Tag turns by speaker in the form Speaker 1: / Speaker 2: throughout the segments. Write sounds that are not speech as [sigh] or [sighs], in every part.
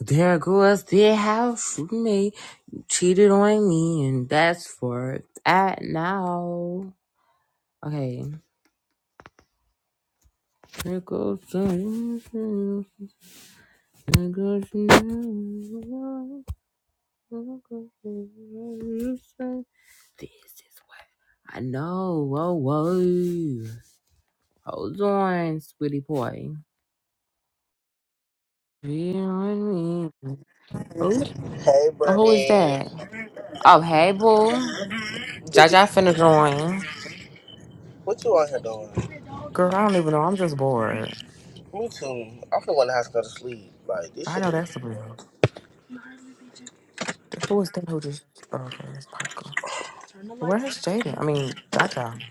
Speaker 1: There goes the house you You cheated on me, and that's for that now. Okay. There goes the. There goes the. This is what I know. Whoa, whoa. Hold on, sweetie boy. Cheated on me. Oh,
Speaker 2: Hey,
Speaker 1: who is
Speaker 2: Brittany.
Speaker 1: that? Oh, hey, boo.
Speaker 2: Good
Speaker 1: Jaja
Speaker 2: be.
Speaker 1: finna join.
Speaker 2: What you out here doing?
Speaker 1: Girl, I don't even know. I'm just bored.
Speaker 2: Me too. I'm finna go in the house and go to sleep. Like, this
Speaker 1: I
Speaker 2: shit
Speaker 1: know
Speaker 2: is.
Speaker 1: that's real. Th- Who is that who just oh, okay, that's Parker.
Speaker 2: Turn the lights
Speaker 1: Where is Jaden? I mean Jaja.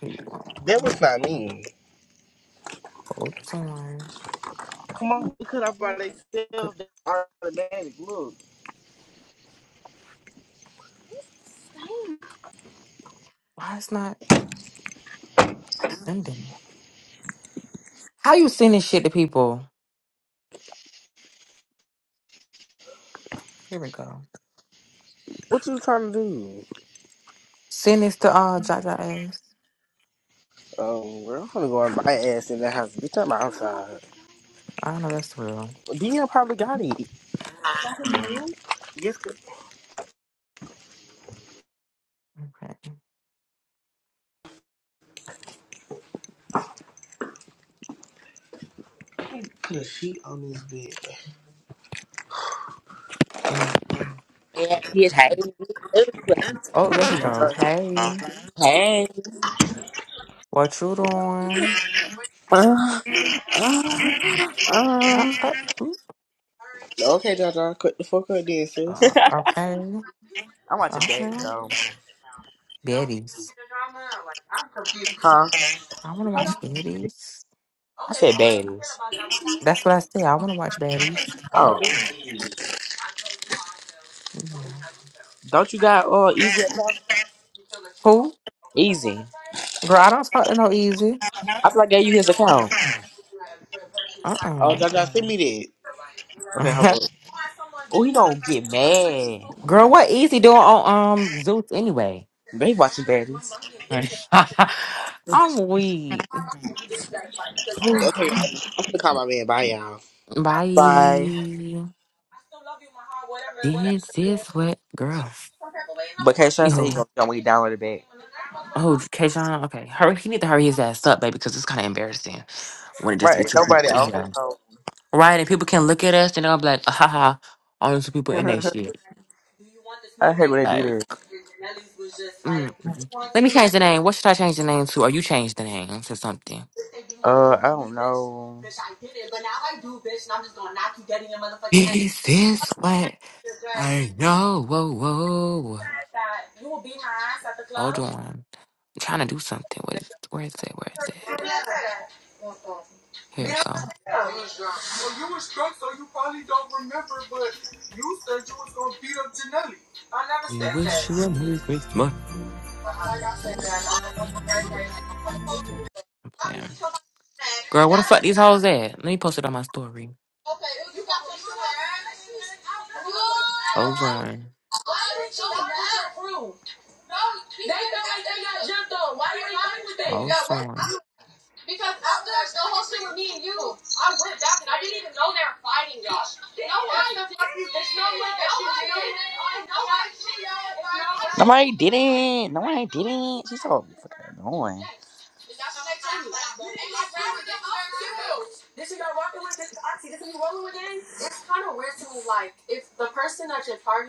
Speaker 1: He
Speaker 2: That was
Speaker 1: oh,
Speaker 2: not me.
Speaker 1: hold on.
Speaker 2: Come on. Because I brought
Speaker 1: Good.
Speaker 2: themselves automatic. Look.
Speaker 1: Why it's not sending? How you sending shit to people? Here we go.
Speaker 2: What you trying to do?
Speaker 1: Send this to uh Jaja ass.
Speaker 2: Um, girl, I'm finna go in my ass in the house. Bitch, I'm outside.
Speaker 1: I know that's real.
Speaker 2: Dion probably got it. Yes, cause
Speaker 1: Okay.
Speaker 2: I need on this bed.
Speaker 1: Em-
Speaker 3: Yeah, he is me too.
Speaker 1: Oh, there he go.
Speaker 2: Jaja.
Speaker 1: Hey.
Speaker 3: Hey.
Speaker 1: What you doing?
Speaker 3: Uh, uh,
Speaker 1: Uh,
Speaker 3: uh.
Speaker 1: uh, mm,
Speaker 2: Okay, Jaja, cut the fuck up then,
Speaker 1: uh,
Speaker 2: sis.
Speaker 3: [laughs]
Speaker 1: okay.
Speaker 3: I'm watching bad
Speaker 1: Okay.
Speaker 3: though.
Speaker 1: Betty's.
Speaker 3: Huh?
Speaker 1: I wanna watch Betty's.
Speaker 3: I said bad
Speaker 1: That's what I said. I want to watch baddies.
Speaker 3: Oh,
Speaker 1: Yeah.
Speaker 3: don't you got uh easy account?
Speaker 1: Who?
Speaker 3: Easy.
Speaker 1: Girl, I don't talk to no easy.
Speaker 3: I feel like I gave you his account.
Speaker 1: Uh uh
Speaker 2: Oh, Jaja, send me
Speaker 3: Okay, hold
Speaker 1: [laughs]
Speaker 3: on. Oh, he don't get mad.
Speaker 1: Girl, what easy doing on um Zeus anyway?
Speaker 3: They watching baddies.
Speaker 1: [laughs] I'm weak.
Speaker 2: that. Okay, I'm finna call my man. Bye, y'all.
Speaker 3: Bye.
Speaker 1: Bye. This is what girl.
Speaker 3: But Kayshawn said he
Speaker 1: Yo.
Speaker 3: gonna tell me he downloaded it back.
Speaker 1: Oh, Kajon. Okay. Hurry he need to hurry his ass up, baby, because it's kinda embarrassing when it just be
Speaker 3: Right, ain't
Speaker 1: two
Speaker 3: nobody
Speaker 1: people in
Speaker 3: on
Speaker 1: here.
Speaker 3: his phone.
Speaker 1: Right, and people can look at us and they'll be like, ah, ha ha, only two people in that
Speaker 3: [laughs]
Speaker 1: shit.
Speaker 3: I hate when they do
Speaker 1: Like.
Speaker 3: this.
Speaker 1: Mm. Let me change the name. What should I change the name to? Or you change the name to something?
Speaker 3: Uh, I don't know.
Speaker 1: This is what I know. Whoa, whoa. Hold on. I'm trying to do something. What is, where is it? Where is it? Here it go. We wish you a Merry Christmas. I'm playing. Girl, what the fuck these hoes at? Let me post it on my story. Hold on. Hold on.
Speaker 3: No, I didn't. No, I didn't. She's so fucking annoying.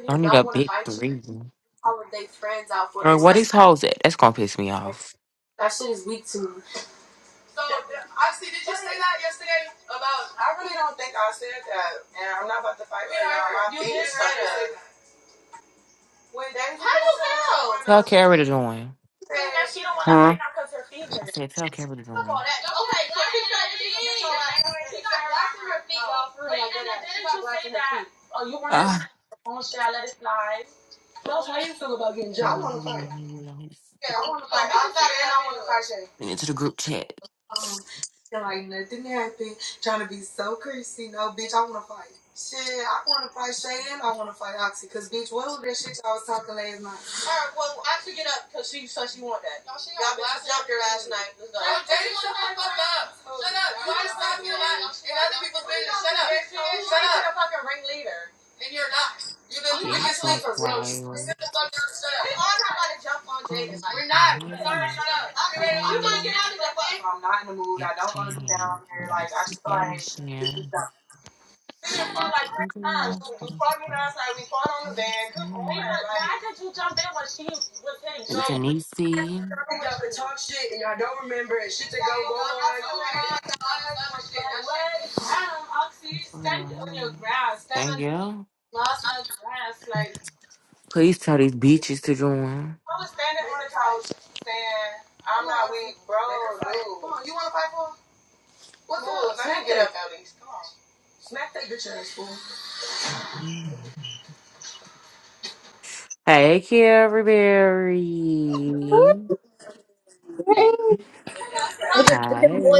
Speaker 1: Don't need a big three. Girl, what these hoes at? That's gonna piss me off.
Speaker 3: I see. Did you say that yesterday about? I really don't think I said that, and I'm not about to fight right now. you, when they wanna
Speaker 1: Tell Kara to join.
Speaker 3: okay,
Speaker 1: I said, tell Kara to join.
Speaker 3: I
Speaker 1: And
Speaker 3: want to fight. Yeah, I want to fight. I'm saying I want to fight. Shit.
Speaker 1: into the group chat.
Speaker 3: Oh, like nothing happened. Trying to be so crazy, no, bitch. I want to fight. Shit, I want to fight Shay and I want to fight Oxy, cause bitch, what was that shit y'all was talking last night? Alright, well, Oxy get up, cause she said she want that. No, she jumped her ass tonight. Let's go. No, shut the fuck up. Shut up. life in other people's business. Shut up. Shut a fucking ringleader. And you're not. You're the I'm
Speaker 1: It
Speaker 3: weakest
Speaker 1: was
Speaker 3: sleeper. Shut
Speaker 1: wild.
Speaker 3: up. We all not about to jump on
Speaker 1: Go
Speaker 3: Jaden. Like, We're
Speaker 1: to
Speaker 3: not. Sorry.
Speaker 1: hell,
Speaker 3: I'm You want to
Speaker 1: fire.
Speaker 3: get out of the fuck. I'm not in the mood.
Speaker 1: Get
Speaker 3: I don't want to be
Speaker 1: in.
Speaker 3: down here. Like, I
Speaker 1: Let's
Speaker 3: just like
Speaker 1: cash
Speaker 3: this is
Speaker 1: in.
Speaker 3: not.
Speaker 1: Denise. Okay.
Speaker 3: No, y'all to talk shit and I don't remember it. shit that go go on. What? Oxy,
Speaker 1: What
Speaker 3: stand on
Speaker 1: else?
Speaker 3: your grass. Stand on
Speaker 1: Thank you.
Speaker 3: the last night's grass. like.
Speaker 1: Please tell these bitches to join.
Speaker 3: I was standing on the couch saying, I'm not weak, bro. Come on, you want to fight for? him? What's up? Let me get up at least. Come on. Smack that bitch in this? school.
Speaker 1: Mm. Hey, Carrie Berry.
Speaker 4: Them [laughs]
Speaker 1: Hi.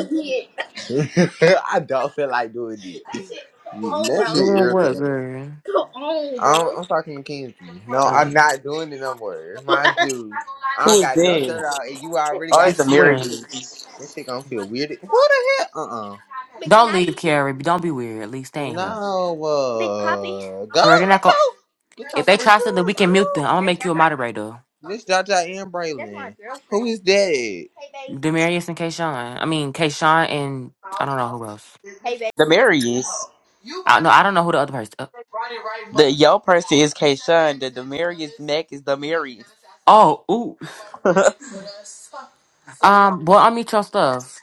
Speaker 4: I don't feel like doing it. That shit. Come on, That bro. shit
Speaker 1: Doing what,
Speaker 4: irritating.
Speaker 1: girl?
Speaker 4: Come on, bro. I'm, I'm talking to Kenzie. No, I'm
Speaker 1: Um,
Speaker 4: not doing it no more. It's my dude. [laughs] I
Speaker 3: Who
Speaker 4: don't
Speaker 3: is
Speaker 4: got no shirt
Speaker 3: that?
Speaker 4: on, and you already
Speaker 3: Oh,
Speaker 1: I
Speaker 4: got
Speaker 3: it's the
Speaker 4: titties.
Speaker 1: swear.
Speaker 3: Marys.
Speaker 4: This shit gonna feel weird. Who the hell? Uh uh Big
Speaker 1: Don't leave,
Speaker 4: Daddy.
Speaker 1: Carrie. Don't be weird. At least stay in here.
Speaker 4: No, Uh, Big Poppy. uh, go
Speaker 1: Girl, they're not
Speaker 4: get
Speaker 1: gonna.
Speaker 4: your get your
Speaker 1: If they
Speaker 4: freaking
Speaker 1: try something, we
Speaker 4: ass
Speaker 1: can mute them.
Speaker 4: on.
Speaker 1: I'm gonna make you
Speaker 4: that's,
Speaker 1: a
Speaker 4: my,
Speaker 1: moderator.
Speaker 4: This Jaja and Braylon. that's my Braylon. girlfriend. Who is that? Hey, babe.
Speaker 1: Demarius and Kayshawn. I mean, Kayshawn and I don't know who else.
Speaker 4: Hey, babe.
Speaker 3: The Marys. You about
Speaker 1: I no,
Speaker 3: to
Speaker 1: I don't know who the other person. Uh,
Speaker 3: say right, The but yo person is Kayshawn. The Demarius Mack is the Demarius.
Speaker 1: oh, ooh.
Speaker 3: [laughs] and
Speaker 1: Um, boy, unmute your stuff.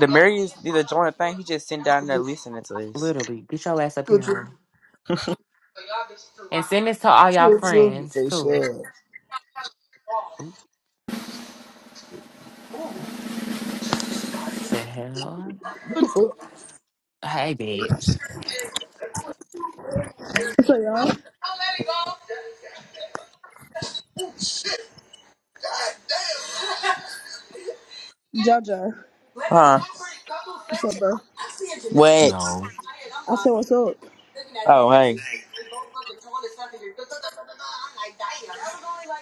Speaker 3: Demarius did a joint thing. He just sitting down there listening to this.
Speaker 1: Literally, get your ass up here,
Speaker 5: Put your,
Speaker 1: hoe. And send this to all y'all
Speaker 5: put
Speaker 1: friends
Speaker 5: face
Speaker 1: too.
Speaker 5: up.
Speaker 1: Ooh, what the hell?
Speaker 5: What the fuck?
Speaker 1: Hey, bitch.
Speaker 6: What's up, y'all?
Speaker 3: don't let it go.
Speaker 6: Jaja.
Speaker 3: [laughs] let it Huh? go for a couple
Speaker 6: What's up,
Speaker 3: seconds.
Speaker 6: bro?
Speaker 1: Yo.
Speaker 6: I
Speaker 3: What?
Speaker 6: said, what's up?
Speaker 3: Oh, hey.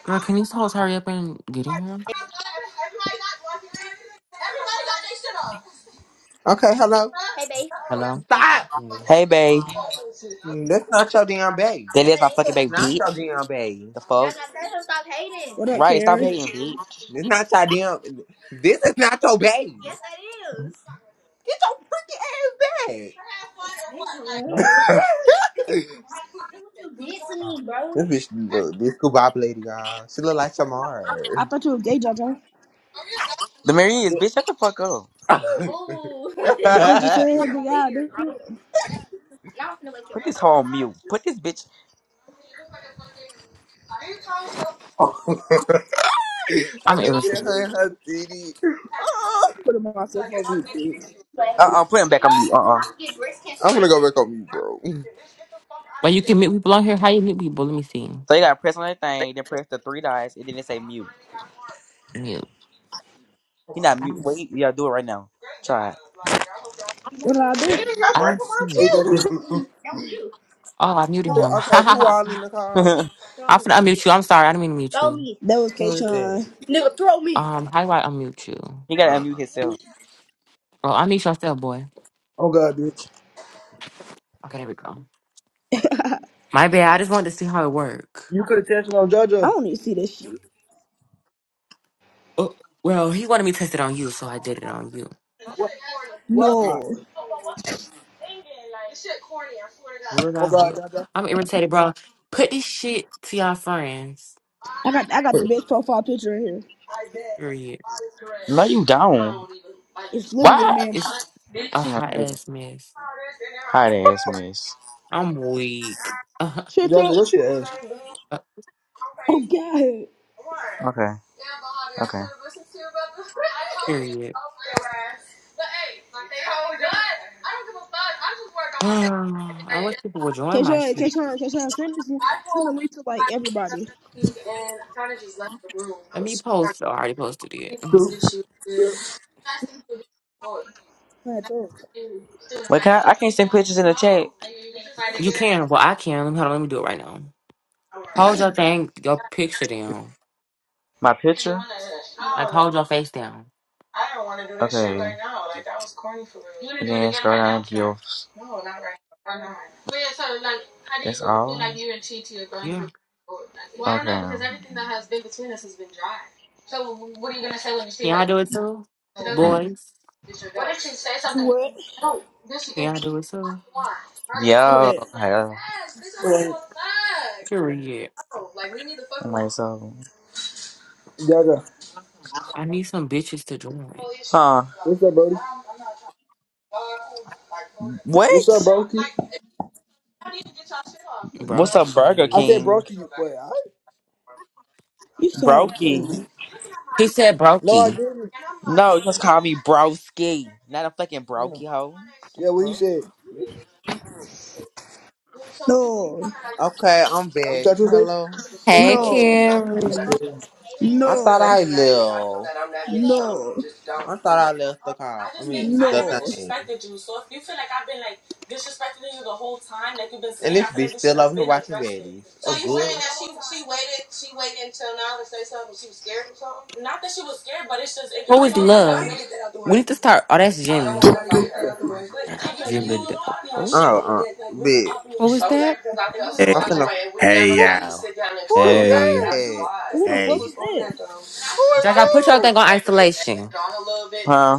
Speaker 1: Girl, can you hoes hurry up and get in here?
Speaker 4: Okay, hello. Hey, babe.
Speaker 1: Hello.
Speaker 4: Stop.
Speaker 3: Hey, babe.
Speaker 4: Mm, That's not your damn baby.
Speaker 3: That
Speaker 4: Yes,
Speaker 3: is
Speaker 4: that
Speaker 3: my fucking
Speaker 4: is.
Speaker 3: babe,
Speaker 4: Not
Speaker 3: beat.
Speaker 4: your damn baby.
Speaker 3: The
Speaker 4: Jana,
Speaker 3: fuck?
Speaker 4: tell him stop hating.
Speaker 6: What up,
Speaker 3: Right, stop
Speaker 6: Karen?
Speaker 3: hating, bitch.
Speaker 4: This not your damn. This is not your baby. Yes, that is. Get your freaking ass Damn, back. Damn, man. [laughs] Look what you did to me, bro. this bitch, look, this Kubop lady, y'all. She look like
Speaker 6: I
Speaker 4: Shamar.
Speaker 6: thought you were gay, Jaja.
Speaker 3: The Mary
Speaker 4: [laughs]
Speaker 3: is,
Speaker 4: Ooh.
Speaker 3: bitch, shut the fuck up.
Speaker 4: [laughs]
Speaker 6: They don't just
Speaker 4: Bitch,
Speaker 6: say
Speaker 4: you're
Speaker 6: big eye,
Speaker 4: weird,
Speaker 6: dude.
Speaker 4: bro.
Speaker 6: I
Speaker 4: Y'all finna wake your
Speaker 3: Put this
Speaker 4: brother up.
Speaker 3: whole mute. Put this bitch.
Speaker 4: [laughs] I
Speaker 1: I'm
Speaker 4: just hit
Speaker 1: irritated.
Speaker 4: her in her titty. [laughs]
Speaker 6: put them on myself over you, bitch.
Speaker 3: Uh-uh, put him back on mute. Uh-uh.
Speaker 4: I'm gonna go back on mute, bro. Damn,
Speaker 1: But you can meet people on here. How you meet people? Let me see.
Speaker 3: So you gotta press on that thing, then press the three dots, and then it say mute.
Speaker 1: Mute.
Speaker 3: He not
Speaker 1: I
Speaker 3: mute.
Speaker 1: don't. s-
Speaker 3: Wait, you yeah, do it right now. Try
Speaker 6: What did I do?
Speaker 4: y'all
Speaker 1: I
Speaker 4: break
Speaker 1: don't
Speaker 4: them
Speaker 1: see
Speaker 4: out
Speaker 5: Hey,
Speaker 1: it.
Speaker 4: too.
Speaker 5: Jaja.
Speaker 1: Oh, I muted
Speaker 4: Who,
Speaker 1: him. [laughs]
Speaker 4: okay, who all in the car?
Speaker 3: it.
Speaker 4: Throw
Speaker 1: I'm
Speaker 4: me
Speaker 1: finna
Speaker 4: right
Speaker 1: unmute
Speaker 4: here.
Speaker 1: you. I'm sorry. I didn't mean to mute
Speaker 4: Throw
Speaker 1: you.
Speaker 4: me.
Speaker 6: That was
Speaker 4: Who is that?
Speaker 6: Kayshawn.
Speaker 4: Nigga, throw me.
Speaker 1: Um, how do I unmute you?
Speaker 3: [laughs] he gotta unmute
Speaker 4: Uh-uh.
Speaker 3: himself.
Speaker 1: Well, unmute yourself, boy.
Speaker 5: Oh, God, bitch.
Speaker 1: Okay, there we go. My bad. I just wanted to see how it worked.
Speaker 5: You could have tested on
Speaker 6: I
Speaker 5: Jaja.
Speaker 6: don't need to see this shit.
Speaker 1: Oh, well, he wanted me to test it on you, so I did it on you.
Speaker 5: What? Nah,
Speaker 6: No.
Speaker 1: What did
Speaker 5: Oh,
Speaker 1: I
Speaker 5: God,
Speaker 1: hook?
Speaker 5: Jaja.
Speaker 1: I'm irritated, bro. Put this shit to your friends.
Speaker 6: I got I got the best profile picture in here.
Speaker 1: Period.
Speaker 3: No, you don't.
Speaker 6: It's literally me.
Speaker 3: Why?
Speaker 6: and-
Speaker 1: It's a hot ass mess.
Speaker 3: Hot ass mess.
Speaker 1: I'm weak. [laughs]
Speaker 6: Shut
Speaker 5: Jaja,
Speaker 6: up.
Speaker 5: your shit ass.
Speaker 6: Oh, God.
Speaker 3: Okay. Okay.
Speaker 1: Period. [sighs] Um, I wish people would join my
Speaker 6: Kayshawn,
Speaker 1: shit.
Speaker 6: Kayshawn, Kayshawn, send this one. Send the link to, like, everybody.
Speaker 1: Let me post. Oh, I already posted it. [laughs]
Speaker 5: True.
Speaker 6: That's up.
Speaker 3: Wait, can I? I can't send pictures in the chat.
Speaker 1: You can. Well, I can. Hold on, let me do it right now. Hold your thing, your picture down.
Speaker 3: My picture?
Speaker 1: Like, hold your face down.
Speaker 3: okay. And then scroll down to your. That's all. okay.
Speaker 1: Yeah. Can I do it too?
Speaker 3: Mm.
Speaker 1: Boys,
Speaker 6: You what?
Speaker 1: can I do it too?
Speaker 3: Yo.
Speaker 6: What?
Speaker 3: Hello.
Speaker 5: Alright,
Speaker 1: Period.
Speaker 3: Wait, so.
Speaker 5: Jaja.
Speaker 1: I need some bitches to join.
Speaker 3: Huh?
Speaker 5: What's up, Brody? What's up,
Speaker 3: What?
Speaker 5: Broski?
Speaker 3: What's up, Burger
Speaker 5: I
Speaker 1: Brokey.
Speaker 5: said
Speaker 3: King?
Speaker 5: Broski. You, wait, I?
Speaker 6: You sound.
Speaker 5: Wait,
Speaker 3: Brokey.
Speaker 5: you?
Speaker 1: He said
Speaker 5: No, I
Speaker 1: brokey.
Speaker 5: didn't.
Speaker 3: No, just call me Broski. Not a fucking
Speaker 5: Yeah.
Speaker 3: Brokey hoe. The
Speaker 5: Yeah, what he
Speaker 3: fuck?
Speaker 5: said. You
Speaker 6: No.
Speaker 4: Okay, I'm back.
Speaker 5: touch your face?
Speaker 4: Hello.
Speaker 5: Face
Speaker 1: Hey,
Speaker 6: No.
Speaker 5: up. Face
Speaker 1: Carrie.
Speaker 5: up.
Speaker 4: I
Speaker 3: You feel
Speaker 4: thought
Speaker 3: like
Speaker 6: No.
Speaker 4: I
Speaker 3: you're that big?
Speaker 4: left.
Speaker 6: No.
Speaker 4: I thought I left the car.
Speaker 3: I
Speaker 4: I
Speaker 3: just think
Speaker 4: mean, the
Speaker 3: I never
Speaker 6: No.
Speaker 4: thing.
Speaker 3: disrespected you. So if you feel like I've been like disrespecting you the whole time, like you've been
Speaker 4: And
Speaker 3: saying, I
Speaker 4: this
Speaker 3: feel
Speaker 4: bitch
Speaker 3: like you should
Speaker 4: still
Speaker 3: have
Speaker 4: over here
Speaker 3: been
Speaker 4: watching
Speaker 3: addressed it.
Speaker 4: baddies. Oh, good.
Speaker 3: Not that she was scared, but it's just if you
Speaker 1: Who
Speaker 3: y'all need
Speaker 1: is
Speaker 3: to
Speaker 1: love?
Speaker 3: get that out the
Speaker 1: We
Speaker 3: way.
Speaker 1: need to start. Oh, that's
Speaker 3: I don't
Speaker 1: Jimmy.
Speaker 3: want to fight her. Like, you
Speaker 1: Jimmy.
Speaker 3: was
Speaker 1: D-
Speaker 3: popping your
Speaker 1: Oh,
Speaker 3: shit on the
Speaker 4: Oh, uh,
Speaker 3: deck, like really
Speaker 4: bitch.
Speaker 3: popping your
Speaker 1: who is
Speaker 3: shit. Okay,
Speaker 1: that?
Speaker 3: because I feel some
Speaker 7: Hey,
Speaker 4: I'm
Speaker 3: type of
Speaker 4: finna.
Speaker 3: way
Speaker 7: hey,
Speaker 4: Who,
Speaker 7: y'all.
Speaker 4: who
Speaker 6: Who
Speaker 4: is
Speaker 6: the
Speaker 1: Hey.
Speaker 3: That's
Speaker 4: that?
Speaker 3: why.
Speaker 6: who the fuck
Speaker 7: Hey,
Speaker 6: is that?
Speaker 4: Who
Speaker 1: Jojo, put
Speaker 4: is
Speaker 1: your thing on isolation.
Speaker 3: Huh?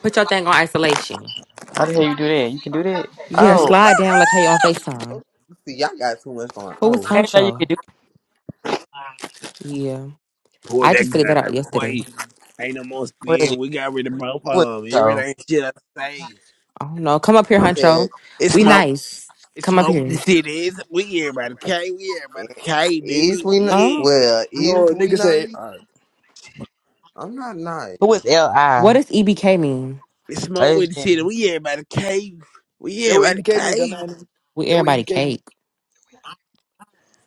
Speaker 1: Put your thing on isolation.
Speaker 3: How the hell you do that? You can do that?
Speaker 1: Yeah,
Speaker 3: Oh,
Speaker 1: slide down like how you on FaceTime.
Speaker 4: See, y'all got too much going.
Speaker 1: Who was
Speaker 4: Oh,
Speaker 3: I didn't know you could
Speaker 1: Huncho?
Speaker 3: do that.
Speaker 1: Yeah.
Speaker 7: pull
Speaker 1: I
Speaker 7: that
Speaker 1: just figured that
Speaker 7: gun
Speaker 1: out
Speaker 7: out
Speaker 1: yesterday.
Speaker 7: quick. Ain't no more
Speaker 3: Who
Speaker 7: spin. We got rid of both
Speaker 3: was
Speaker 7: of them. It really
Speaker 3: so?
Speaker 7: ain't shit I say.
Speaker 1: I don't know. Come up here,
Speaker 4: I'm bad.
Speaker 1: Huncho.
Speaker 7: It's
Speaker 1: We
Speaker 7: smoke.
Speaker 1: nice.
Speaker 7: It's
Speaker 1: Come up
Speaker 7: smoke. The
Speaker 1: here.
Speaker 7: city is. We everybody cave. We everybody cave,
Speaker 4: Is
Speaker 7: nigga.
Speaker 4: we ni-
Speaker 7: Yeah.
Speaker 1: Oh.
Speaker 4: well? Is
Speaker 5: No,
Speaker 4: we
Speaker 5: nigga said.
Speaker 4: nice?
Speaker 5: Alright.
Speaker 4: I'm not nice.
Speaker 3: Who is
Speaker 1: What
Speaker 3: L.I.?
Speaker 1: does EBK mean?
Speaker 7: It's
Speaker 3: I
Speaker 7: smoke with
Speaker 3: just
Speaker 7: the
Speaker 3: did
Speaker 7: city. We everybody cave. We
Speaker 5: That what
Speaker 7: everybody
Speaker 5: EBK mean,
Speaker 7: cave.
Speaker 5: dumbass.
Speaker 1: We
Speaker 5: That what
Speaker 1: everybody
Speaker 5: EBK mean.
Speaker 1: cake.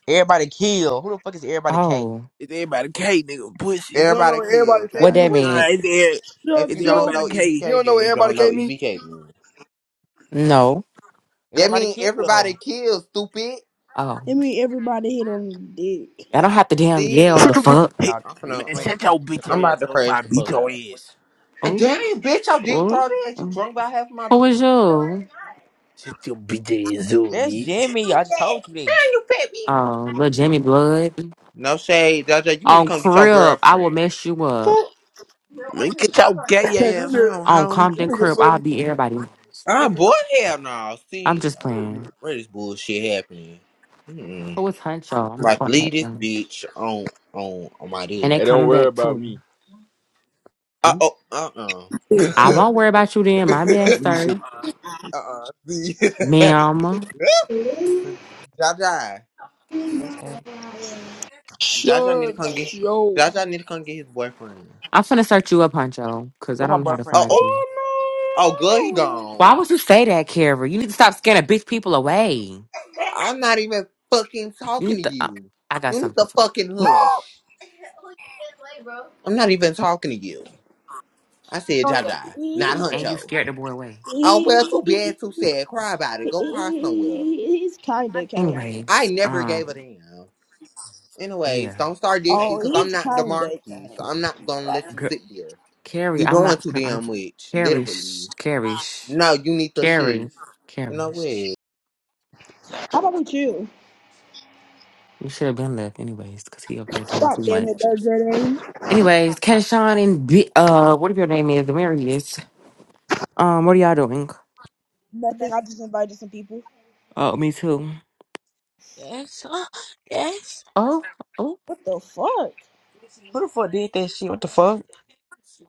Speaker 3: Everybody kill. Who the fuck is everybody K?
Speaker 1: Oh.
Speaker 7: It's everybody cave, nigga. Pussy.
Speaker 5: You don't know
Speaker 4: Everybody
Speaker 5: what
Speaker 4: kill.
Speaker 5: everybody
Speaker 1: What
Speaker 4: Try
Speaker 5: came me?
Speaker 1: that
Speaker 3: Who is that?
Speaker 7: Nah,
Speaker 1: mean?
Speaker 7: it's, every-
Speaker 4: If
Speaker 6: Shut
Speaker 4: you
Speaker 7: it's
Speaker 4: don't
Speaker 6: your
Speaker 7: everybody
Speaker 4: know EBK,
Speaker 7: cave.
Speaker 5: You don't know
Speaker 4: then
Speaker 5: what
Speaker 4: you
Speaker 5: everybody
Speaker 4: don't know
Speaker 5: came me?
Speaker 4: EBK. Then.
Speaker 1: No.
Speaker 4: That
Speaker 3: Everybody
Speaker 4: mean
Speaker 3: kill.
Speaker 4: everybody
Speaker 3: Oh
Speaker 4: kill. Stupid.
Speaker 6: I
Speaker 1: Oh.
Speaker 6: mean everybody hit on the dick.
Speaker 1: I don't have to damn
Speaker 4: See,
Speaker 1: yell the
Speaker 4: no.
Speaker 3: no!
Speaker 1: fuck.
Speaker 7: Hey,
Speaker 4: I'm
Speaker 7: man,
Speaker 4: gonna.
Speaker 3: I
Speaker 4: I'm,
Speaker 3: mean,
Speaker 7: shut
Speaker 4: I'm
Speaker 7: your bitch
Speaker 3: Samira.
Speaker 4: I'm about
Speaker 7: ass
Speaker 4: to
Speaker 7: up.
Speaker 4: crash
Speaker 7: I
Speaker 4: the
Speaker 7: beat
Speaker 4: fuck
Speaker 7: your
Speaker 4: out.
Speaker 7: ass.
Speaker 4: And
Speaker 1: Oh.
Speaker 4: Damn it, bitch! I did
Speaker 1: Oh.
Speaker 4: throw that. You
Speaker 1: oh.
Speaker 4: drunk by half my
Speaker 1: Who
Speaker 4: drink.
Speaker 1: was
Speaker 4: No, I did
Speaker 1: you?
Speaker 4: not.
Speaker 7: Shut your bitch ass up,
Speaker 3: that's
Speaker 7: bitch.
Speaker 3: Jimmy.
Speaker 4: You
Speaker 3: I just told
Speaker 4: fat.
Speaker 3: you that.
Speaker 4: Man, you fat bitch.
Speaker 1: Oh, little Jimmy Blood.
Speaker 4: No shade, Jaja. You need to
Speaker 1: On
Speaker 4: come get your
Speaker 1: crib, I will
Speaker 4: girlfriend.
Speaker 1: mess you up.
Speaker 7: Man, get your
Speaker 5: Hey,
Speaker 7: gay
Speaker 5: this
Speaker 7: ass
Speaker 5: nigga,
Speaker 7: home,
Speaker 1: on
Speaker 7: homie.
Speaker 5: this
Speaker 1: Compton
Speaker 5: nigga
Speaker 1: Crib, I'll
Speaker 5: funny.
Speaker 1: be everybody.
Speaker 4: Ah,
Speaker 3: Jimmy,
Speaker 4: boy,
Speaker 3: I'm
Speaker 4: hell no.
Speaker 1: I'm
Speaker 4: See,
Speaker 1: just playing.
Speaker 4: where this bullshit happening? Mm-mm.
Speaker 1: Who was Huncho? I'm just
Speaker 4: Like,
Speaker 1: gonna
Speaker 4: leave
Speaker 1: at
Speaker 4: this
Speaker 1: them.
Speaker 4: bitch on on on my
Speaker 1: And
Speaker 4: daddy.
Speaker 1: they
Speaker 8: Hey, don't
Speaker 1: coming
Speaker 8: worry
Speaker 1: back
Speaker 8: about me.
Speaker 1: too.
Speaker 4: Uh
Speaker 1: Ooh.
Speaker 4: oh, uh uh.
Speaker 1: I won't worry about you then,
Speaker 5: Yeah,
Speaker 1: my bad,
Speaker 5: we should.
Speaker 1: sir.
Speaker 4: Uh uh. [laughs] See, [laughs]
Speaker 1: Ma'am.
Speaker 4: Jaja,
Speaker 3: Yes, that.
Speaker 4: Jaja need to come get.
Speaker 6: Shut your
Speaker 4: Jaja need to come get his boyfriend.
Speaker 1: I'm finna search you up, Huncho, because I
Speaker 3: What my
Speaker 1: don't know how to
Speaker 3: boyfriend
Speaker 4: Oh
Speaker 3: do?
Speaker 1: find
Speaker 4: oh
Speaker 1: you.
Speaker 4: oh, good, he
Speaker 6: Oh no
Speaker 1: Why
Speaker 4: gone.
Speaker 1: would you say that, Kara? You need to stop scaring bitch people away. You
Speaker 4: I'm not even fucking talking to
Speaker 1: need to. Uh,
Speaker 4: you.
Speaker 1: I got
Speaker 4: You need
Speaker 1: something
Speaker 4: to
Speaker 1: for you.
Speaker 4: fucking hush. I'm not even talking to you. I said
Speaker 6: Oh
Speaker 4: Jaja,
Speaker 6: yeah.
Speaker 4: not
Speaker 1: And you
Speaker 4: Huncho.
Speaker 1: scared the boy away.
Speaker 4: Oh well, too bad, too sad. Cry about it. Go cry somewhere.
Speaker 6: He's kinda kind
Speaker 4: I
Speaker 1: Anyways,
Speaker 4: never
Speaker 1: um,
Speaker 4: gave a damn. Anyways,
Speaker 1: yeah.
Speaker 4: don't start this shit
Speaker 6: Oh,
Speaker 4: because I'm
Speaker 6: he's
Speaker 4: not the
Speaker 6: kinda
Speaker 4: marquee, so
Speaker 6: kind
Speaker 4: I'm not gonna let you
Speaker 1: Girl,
Speaker 4: sit there.
Speaker 1: Carrie,
Speaker 4: You
Speaker 1: I'm
Speaker 4: doing
Speaker 1: not
Speaker 4: too
Speaker 1: gonna
Speaker 4: damn
Speaker 1: argue.
Speaker 4: much,
Speaker 1: Carrie,
Speaker 4: literally.
Speaker 1: shh, Carrie, shh,
Speaker 4: No, you need to
Speaker 1: Carrie,
Speaker 4: shift. You know
Speaker 1: Carrie.
Speaker 4: what?
Speaker 1: shh.
Speaker 6: How about with you?
Speaker 1: You should have been left anyways, because he up here doing too
Speaker 6: God damn it,
Speaker 1: much.
Speaker 6: though, Jordan.
Speaker 1: Anyways, Keshawn and B- uh, whatever your name is, Demarius. Um, what are y'all doing?
Speaker 6: Nothing, I just invited some people.
Speaker 1: Oh, me too.
Speaker 3: Yes, uh, yes.
Speaker 1: Oh, oh,
Speaker 6: What the fuck?
Speaker 3: Who the fuck did that shit? What the fuck?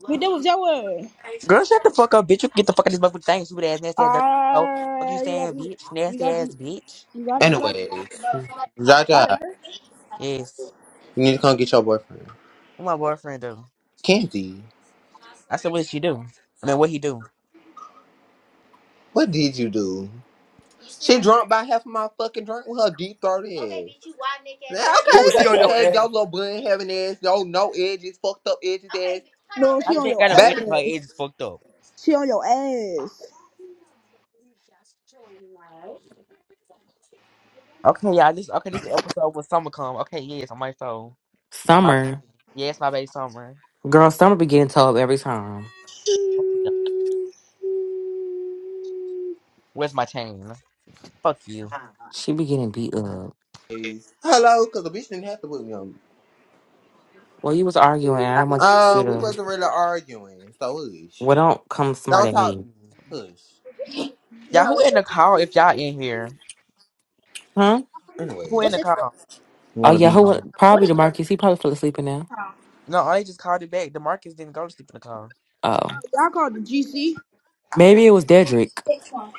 Speaker 6: But that was your word.
Speaker 3: Girl, shut the fuck up, bitch. You can get the fuck out of this motherfucking thing, stupid ass, nasty ass, dirty. hoe. fuck you
Speaker 6: Ah, you got
Speaker 3: saying,
Speaker 6: to,
Speaker 3: bitch?
Speaker 6: you
Speaker 3: Nasty
Speaker 6: got to,
Speaker 3: ass,
Speaker 6: you
Speaker 3: bitch.
Speaker 6: got to, you got
Speaker 4: Anyways,
Speaker 6: to. Not a
Speaker 4: Jaja,
Speaker 6: bitch.
Speaker 3: Yes.
Speaker 4: you need to come get your boyfriend,
Speaker 3: What my boyfriend do?
Speaker 4: Kenzie.
Speaker 3: I said, what did she do? I mean, what he do?
Speaker 4: What did you do? She drunk by half of my fucking drink with her deep throat in. Okay, bitch, you wide neck ass. Now,
Speaker 5: Oh,
Speaker 4: okay,
Speaker 5: she
Speaker 4: let
Speaker 5: on
Speaker 4: me
Speaker 5: your
Speaker 4: tell you, your
Speaker 5: ass.
Speaker 4: little bun having ass, your no edges, fucked up edges okay, ass. Hold
Speaker 6: No,
Speaker 4: on, so
Speaker 6: she
Speaker 3: I
Speaker 4: you
Speaker 3: she
Speaker 6: on
Speaker 3: ain't
Speaker 6: your
Speaker 3: got no
Speaker 4: can Baby
Speaker 3: edges. My
Speaker 6: ass.
Speaker 3: edges fucked up.
Speaker 6: She on your ass.
Speaker 3: Okay, y'all. This okay. This the episode when summer come. Okay, yes, on my soul. My
Speaker 1: Summer,
Speaker 3: baby. Yes, my baby summer.
Speaker 1: girl, Summer be getting told every time.
Speaker 3: Fuck you. Where's my chain? Fuck you.
Speaker 1: She be getting beat up.
Speaker 4: days. Hello, because the bitch didn't have to put me on.
Speaker 1: Well, you was arguing. I
Speaker 3: I-
Speaker 1: didn't want to see
Speaker 4: Um, we
Speaker 1: to.
Speaker 4: wasn't really arguing, so hush.
Speaker 1: Well, don't come smart
Speaker 4: Don't
Speaker 1: at
Speaker 4: talk to
Speaker 1: me,
Speaker 4: me. Hush.
Speaker 3: Y'all, who
Speaker 4: Bro,
Speaker 3: in the car? If y'all in here,
Speaker 1: huh?
Speaker 4: Anyway,
Speaker 3: who in
Speaker 4: what's
Speaker 3: the
Speaker 4: this for?
Speaker 3: car?
Speaker 4: You
Speaker 1: Oh
Speaker 4: want to
Speaker 1: yeah,
Speaker 4: be
Speaker 1: who? wa-
Speaker 4: on. What
Speaker 1: Probably
Speaker 4: is for?
Speaker 1: Demarcus. He probably fell asleep in there.
Speaker 4: Oh,
Speaker 3: No, I just called it back. The Marcus didn't go to sleep in the car.
Speaker 1: Oh,
Speaker 6: If y'all call the GC,
Speaker 1: maybe it was Dedrick.
Speaker 4: it's for.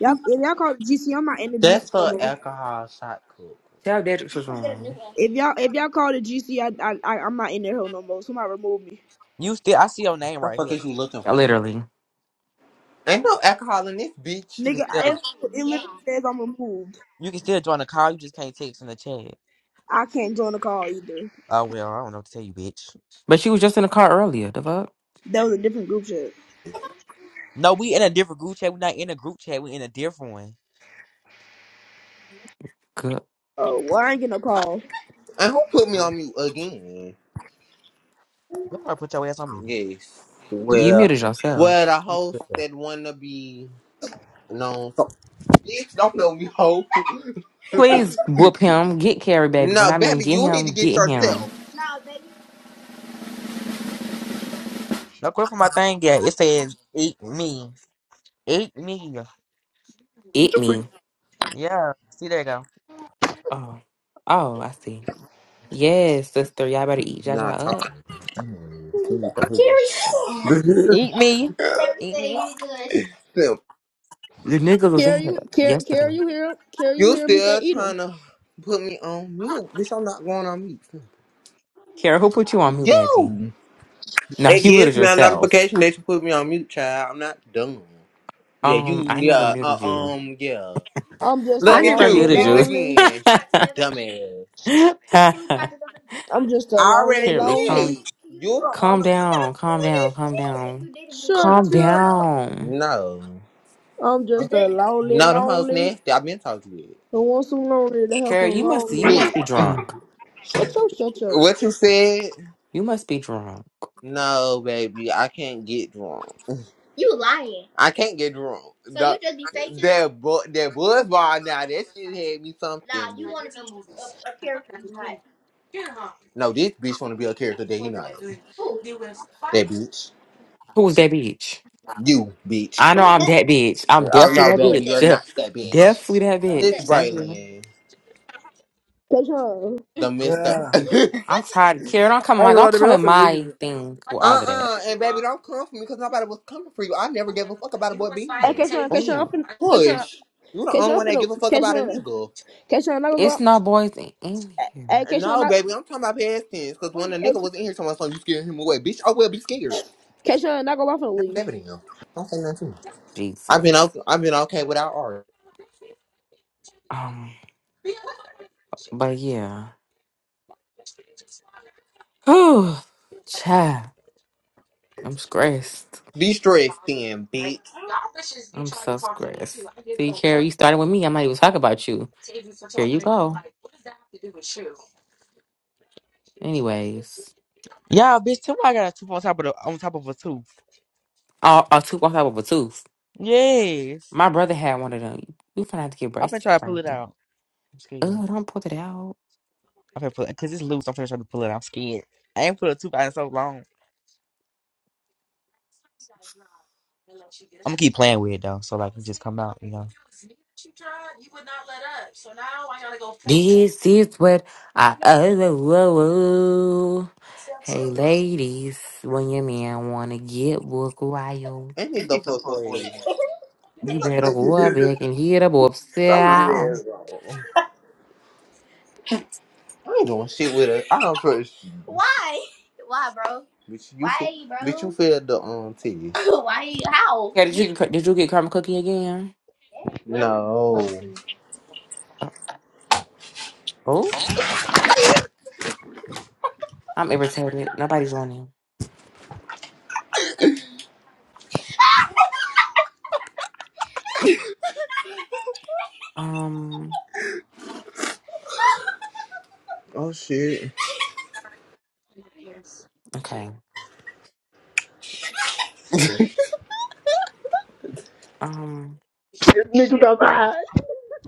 Speaker 6: y'all if y'all call the GC, I'm not in the
Speaker 4: That's
Speaker 6: GC no
Speaker 4: for
Speaker 6: more.
Speaker 4: alcohol shot cook.
Speaker 1: Tell Dedrick
Speaker 4: You
Speaker 1: was
Speaker 4: can get a new
Speaker 1: wrong.
Speaker 4: one.
Speaker 6: If y'all if y'all call the GC, I I, I am not in there hell no more. Somebody remove me,
Speaker 3: You still, I see your name
Speaker 4: What the
Speaker 3: right
Speaker 4: fuck
Speaker 3: here.
Speaker 4: is you looking for?
Speaker 3: You
Speaker 1: Literally,
Speaker 4: Ain't no alcohol in this bitch.
Speaker 3: can
Speaker 6: nigga.
Speaker 4: No,
Speaker 3: still
Speaker 6: I- It, it
Speaker 4: he ain't.
Speaker 6: literally says I'm removed.
Speaker 3: You can still join the call. You just can't text in the chat.
Speaker 6: I can't join the call either.
Speaker 3: Oh well, I don't know what to tell you, bitch.
Speaker 1: but she was just in the car earlier. The fuck.
Speaker 6: That was a different group chat.
Speaker 3: No, we in a different group chat. We not in a group chat. We in a different one.
Speaker 1: Good.
Speaker 6: Oh, well, I ain't getting a call.
Speaker 4: And who put me
Speaker 3: Mm.
Speaker 4: on mute again?
Speaker 3: Go ahead, put your ass on mute.
Speaker 4: Yes.
Speaker 1: You
Speaker 4: Well,
Speaker 1: muted
Speaker 4: well,
Speaker 1: yourself.
Speaker 4: the host that wanna be known. So, bitch, don't know me, hoe. [laughs]
Speaker 1: Please whoop him. Get Carrie, baby. When
Speaker 4: no,
Speaker 1: I mean
Speaker 4: Bailey,
Speaker 1: get
Speaker 4: you need to
Speaker 1: him,
Speaker 4: get
Speaker 1: get him.
Speaker 4: yourself. No, baby.
Speaker 3: No quit for my thing yet. It says eat me, eat me.
Speaker 1: Eat me.
Speaker 3: Yeah, see there you go.
Speaker 1: Oh. Oh, I see. Yes, sister. Y'all better eat
Speaker 4: Nah,
Speaker 1: Jaja up.
Speaker 4: talking. Mm, she need to Jerry
Speaker 3: Eat me,
Speaker 4: Jerry [laughs]
Speaker 3: eat
Speaker 4: said
Speaker 3: me.
Speaker 4: you good. Simp,
Speaker 1: The niggas was in
Speaker 6: Care
Speaker 1: here
Speaker 6: you care care
Speaker 1: yesterday.
Speaker 6: you hear him? Care you
Speaker 4: You
Speaker 6: hear me say
Speaker 4: still
Speaker 6: eat him.
Speaker 4: trying
Speaker 6: 'em.
Speaker 4: to put me on mute, bitch? I'm not going on mute. Simp.
Speaker 1: Carrie, who put you on mute, baby?
Speaker 4: You.
Speaker 1: No,
Speaker 4: It
Speaker 1: you
Speaker 4: gives
Speaker 1: muted
Speaker 4: me a
Speaker 1: yourself.
Speaker 4: notification that you put me on mute, child. I'm not dumb. Yeah, you.
Speaker 1: Um, I never
Speaker 4: Yeah. Uh,
Speaker 1: muted you.
Speaker 4: um. Yeah.
Speaker 6: I'm just a
Speaker 1: I
Speaker 4: Look at
Speaker 1: never
Speaker 4: you.
Speaker 6: lonely,
Speaker 1: muted
Speaker 4: Did it
Speaker 1: you.
Speaker 6: lonely.
Speaker 4: again. Can we Try it together? Dumbass.
Speaker 1: [laughs]
Speaker 4: Can we try it together?
Speaker 6: I'm just a
Speaker 4: I
Speaker 6: lonely,
Speaker 4: already
Speaker 1: Carrie,
Speaker 6: lonely.
Speaker 1: calm
Speaker 4: did. You the
Speaker 1: calm
Speaker 4: only. I'm not
Speaker 1: down. Calm
Speaker 4: doing that
Speaker 1: down. Calm
Speaker 4: shit. If
Speaker 1: down.
Speaker 4: you did you
Speaker 6: Shut
Speaker 1: Calm
Speaker 6: up.
Speaker 4: would.
Speaker 1: down.
Speaker 4: No.
Speaker 6: I'm
Speaker 4: i
Speaker 6: just a
Speaker 4: it.
Speaker 6: lonely,
Speaker 4: No, them hoes
Speaker 6: lonely.
Speaker 4: nasty. I've been talking to you.
Speaker 6: Who wants some lonely to help a
Speaker 1: Carrie, you must you
Speaker 6: lonely?
Speaker 1: must be
Speaker 4: Bitch.
Speaker 1: drunk.
Speaker 6: Shut up, shut
Speaker 4: [laughs]
Speaker 6: up.
Speaker 4: what you said?
Speaker 1: You must be drunk.
Speaker 4: No, baby. I can't get drunk. You lying. I can't get drunk. So The, you just be faking that bu- that buzz bar now, that shit had me something. Nah, you want to be a, a character, you not. No, this bitch wanna be a character that he not. Who? That bitch.
Speaker 1: Who's that bitch?
Speaker 4: You bitch.
Speaker 1: I know
Speaker 4: Who's
Speaker 1: I'm
Speaker 4: that?
Speaker 1: that bitch. I'm
Speaker 4: Oh
Speaker 1: definitely
Speaker 4: no,
Speaker 1: that
Speaker 4: baby, you're
Speaker 1: bitch.
Speaker 4: not
Speaker 1: [laughs]
Speaker 4: that
Speaker 1: Yeah.
Speaker 4: bitch.
Speaker 1: definitely that
Speaker 4: Who's This
Speaker 1: bitch.
Speaker 4: that?
Speaker 1: Thank you.
Speaker 4: Braylon,
Speaker 6: Keshawn.
Speaker 4: the [laughs] Mister. [laughs]
Speaker 5: Yeah.
Speaker 4: uh
Speaker 1: I'm tired. Kira, don't come in
Speaker 5: I ain't
Speaker 1: my
Speaker 5: gonna lie
Speaker 1: don't
Speaker 5: to you,
Speaker 1: come
Speaker 5: man. I'm
Speaker 1: in
Speaker 5: finna leave
Speaker 1: my
Speaker 5: it.
Speaker 1: thing with all of that.
Speaker 4: uh, and baby, don't come for me because nobody was coming for you. I never gave a fuck about a boy being
Speaker 6: Hey,
Speaker 4: here.
Speaker 6: Keshawn, Keshawn, I'm
Speaker 1: Oh,
Speaker 6: finna, Keshawn,
Speaker 4: Push. You the
Speaker 6: Keshawn,
Speaker 4: only
Speaker 6: I'm
Speaker 4: one that
Speaker 6: finna,
Speaker 4: give a fuck about a
Speaker 6: Keshawn,
Speaker 4: nigga.
Speaker 6: Keshawn, not gonna go
Speaker 1: it's
Speaker 6: out.
Speaker 1: no boys in in here.
Speaker 6: Hey, Keshawn,
Speaker 4: No,
Speaker 6: not,
Speaker 4: baby, I'm talking about past tense. Cause when the nigga was
Speaker 6: Keshawn,
Speaker 4: in here talking about something, you scared him away, bitch. Oh well, be scared.
Speaker 6: Keshawn, not gonna go off and
Speaker 4: Never
Speaker 6: leave.
Speaker 4: that to him. Don't say nothing to me. I've been
Speaker 1: Jesus.
Speaker 4: okay. I've been okay without art.
Speaker 1: Um, but yeah. Whew. Child. I'm stressed.
Speaker 4: Be stressed, then, bitch.
Speaker 1: I'm so stressed. See, Kara, you started with me. I'm not even talking about you. Here you go. Anyways.
Speaker 3: Yeah, bitch. Too. I got a tooth on top of the on top of a tooth.
Speaker 1: Oh, a tooth on top of a tooth.
Speaker 3: Yes,
Speaker 1: My brother had one of them. You finna have to get
Speaker 3: I'm finna
Speaker 1: braces
Speaker 3: try to pull it
Speaker 1: probably.
Speaker 3: out. I'm scared.
Speaker 1: Oh, don't pull it out.
Speaker 3: I'm finna pull it because it's loose. I'm finna try to pull it. out. I'm scared. I ain't pulled a tooth out in so long. I'm gonna keep playing with it though, so like it just come out, you know.
Speaker 1: This is what I oh, oh, oh, oh. Hey ladies, when your man wanna get book wild,
Speaker 4: And it the fuck away.
Speaker 1: you better go up
Speaker 4: [laughs]
Speaker 1: back and hit up
Speaker 4: so weird ass.
Speaker 1: upstairs.
Speaker 4: bro. I ain't doing shit with her. I don't trust you. Why? Why, bro? Bitch, you Why, fe- bro? Bitch, you failed the um test. [laughs] Why? How?
Speaker 1: Yeah, did you
Speaker 4: Bitch.
Speaker 1: did you get Carmen Cookie again?
Speaker 4: No. [laughs]
Speaker 1: Oh, I'm irritated. Nobody's joining. Um,
Speaker 4: Oh shit.
Speaker 1: okay.
Speaker 4: [laughs]
Speaker 1: Um,
Speaker 4: this nigga done cried.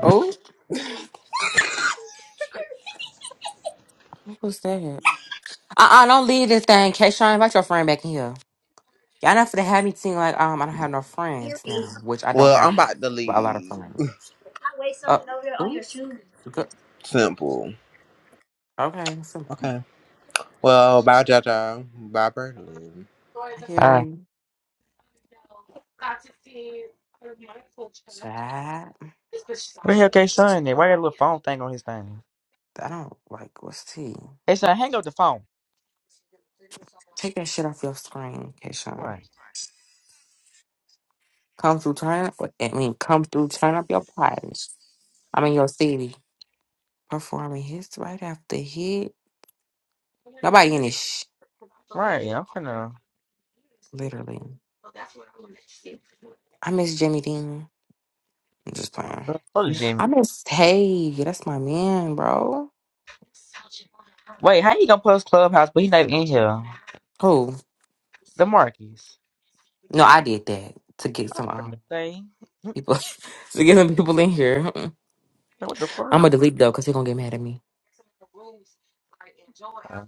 Speaker 1: oh, what was that? Uh, uh-uh, don't leave this thing. Kayshawn, invite your friend back in here. Y'all not finna have me seem like um I don't have no
Speaker 4: Hear
Speaker 1: friends
Speaker 4: me.
Speaker 1: now, which I don't
Speaker 4: Well,
Speaker 1: have
Speaker 4: I'm about to
Speaker 1: a lot of
Speaker 4: leave.
Speaker 1: friends.
Speaker 4: I weighed
Speaker 1: Uh,
Speaker 4: something over there on your
Speaker 1: oops,
Speaker 4: shoes.
Speaker 1: good.
Speaker 4: Simple.
Speaker 1: Okay, simple.
Speaker 4: Okay. Well, bye, Jaja. Bye, Berlin.
Speaker 1: Hi,
Speaker 3: Hi.
Speaker 1: Carrie. Chat.
Speaker 3: where the hell K son? at? Why that little phone thing on his thing?
Speaker 1: I don't like what's tea.
Speaker 3: Hey son, hang up the phone.
Speaker 1: Take that shit off your screen, Kayshawn.
Speaker 3: Right,
Speaker 1: Come through, turn up. I mean, come through, turn up your parties. I'm in your city performing hits right after hit. Nobody in this sh-
Speaker 3: right. yeah, I'm finna
Speaker 1: literally. I miss Jimmy Dean. I'm just playing.
Speaker 3: fuck Jimmy.
Speaker 1: I miss Hey, that's my man, bro.
Speaker 3: Wait, how you gonna post Clubhouse but he not in here?
Speaker 1: Who?
Speaker 3: The Marcus.
Speaker 1: No, I did that to get
Speaker 3: I'm
Speaker 1: some
Speaker 3: finna
Speaker 1: um,
Speaker 3: say,
Speaker 1: people [laughs] to get some people in here. [laughs]
Speaker 3: "Hey, what the
Speaker 1: I'm
Speaker 3: fuck?
Speaker 1: gonna delete though because they're gonna get mad at me.
Speaker 3: Uh,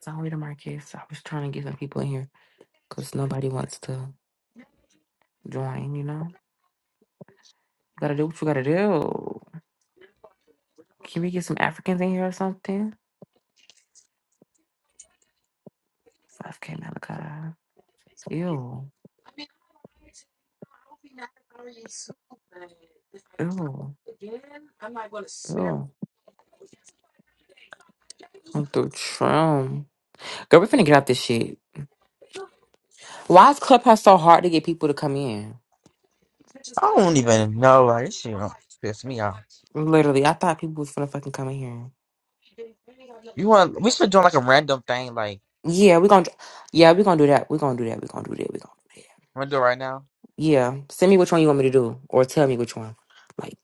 Speaker 1: Sorry to Marcus. I was trying to get some people in here because nobody wants to join. You know, gotta do what you gotta do. Can we get some Africans in here or something? Five K Malachi. Ew, ew, ew. I'm through Trump. Girl, we finna get out this shit. Why is Clubhouse so hard to get people to come in?
Speaker 3: I don't even know. Like this shit don't piss me off.
Speaker 1: Literally, I thought people was gonna fucking come in here.
Speaker 3: You want? We should be doing like a random thing. Like,
Speaker 1: Yeah, we're gonna yeah, we're gonna do that. We're gonna do that. We're gonna do that. We're gonna do that.
Speaker 3: I'm gonna do it right now.
Speaker 1: Yeah. Send me which one you want me to do. Or tell me which one. Like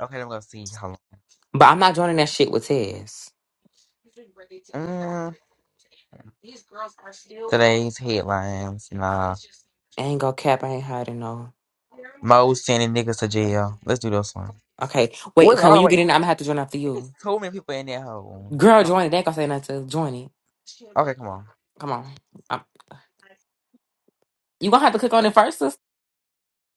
Speaker 3: Okay, I'm gonna see how long.
Speaker 1: but I'm not joining that shit with Tez.
Speaker 3: Mm, Today's headlines. Nah,
Speaker 1: I ain't gonna cap, I ain't hiding no.
Speaker 3: Mo sending niggas to jail. Let's do this one.
Speaker 1: Okay. Wait,
Speaker 3: What
Speaker 1: okay,
Speaker 3: all
Speaker 1: when
Speaker 3: the
Speaker 1: you
Speaker 3: way?
Speaker 1: get
Speaker 3: It's
Speaker 1: in, I'm
Speaker 3: like-
Speaker 1: gonna have to join after
Speaker 3: it's
Speaker 1: you.
Speaker 3: too many people in that hole.
Speaker 1: Girl,
Speaker 3: Oh,
Speaker 1: join it. They ain't gonna say nothing to join it.
Speaker 3: Okay, come on.
Speaker 1: Come on. Um, you gonna have to click on it first,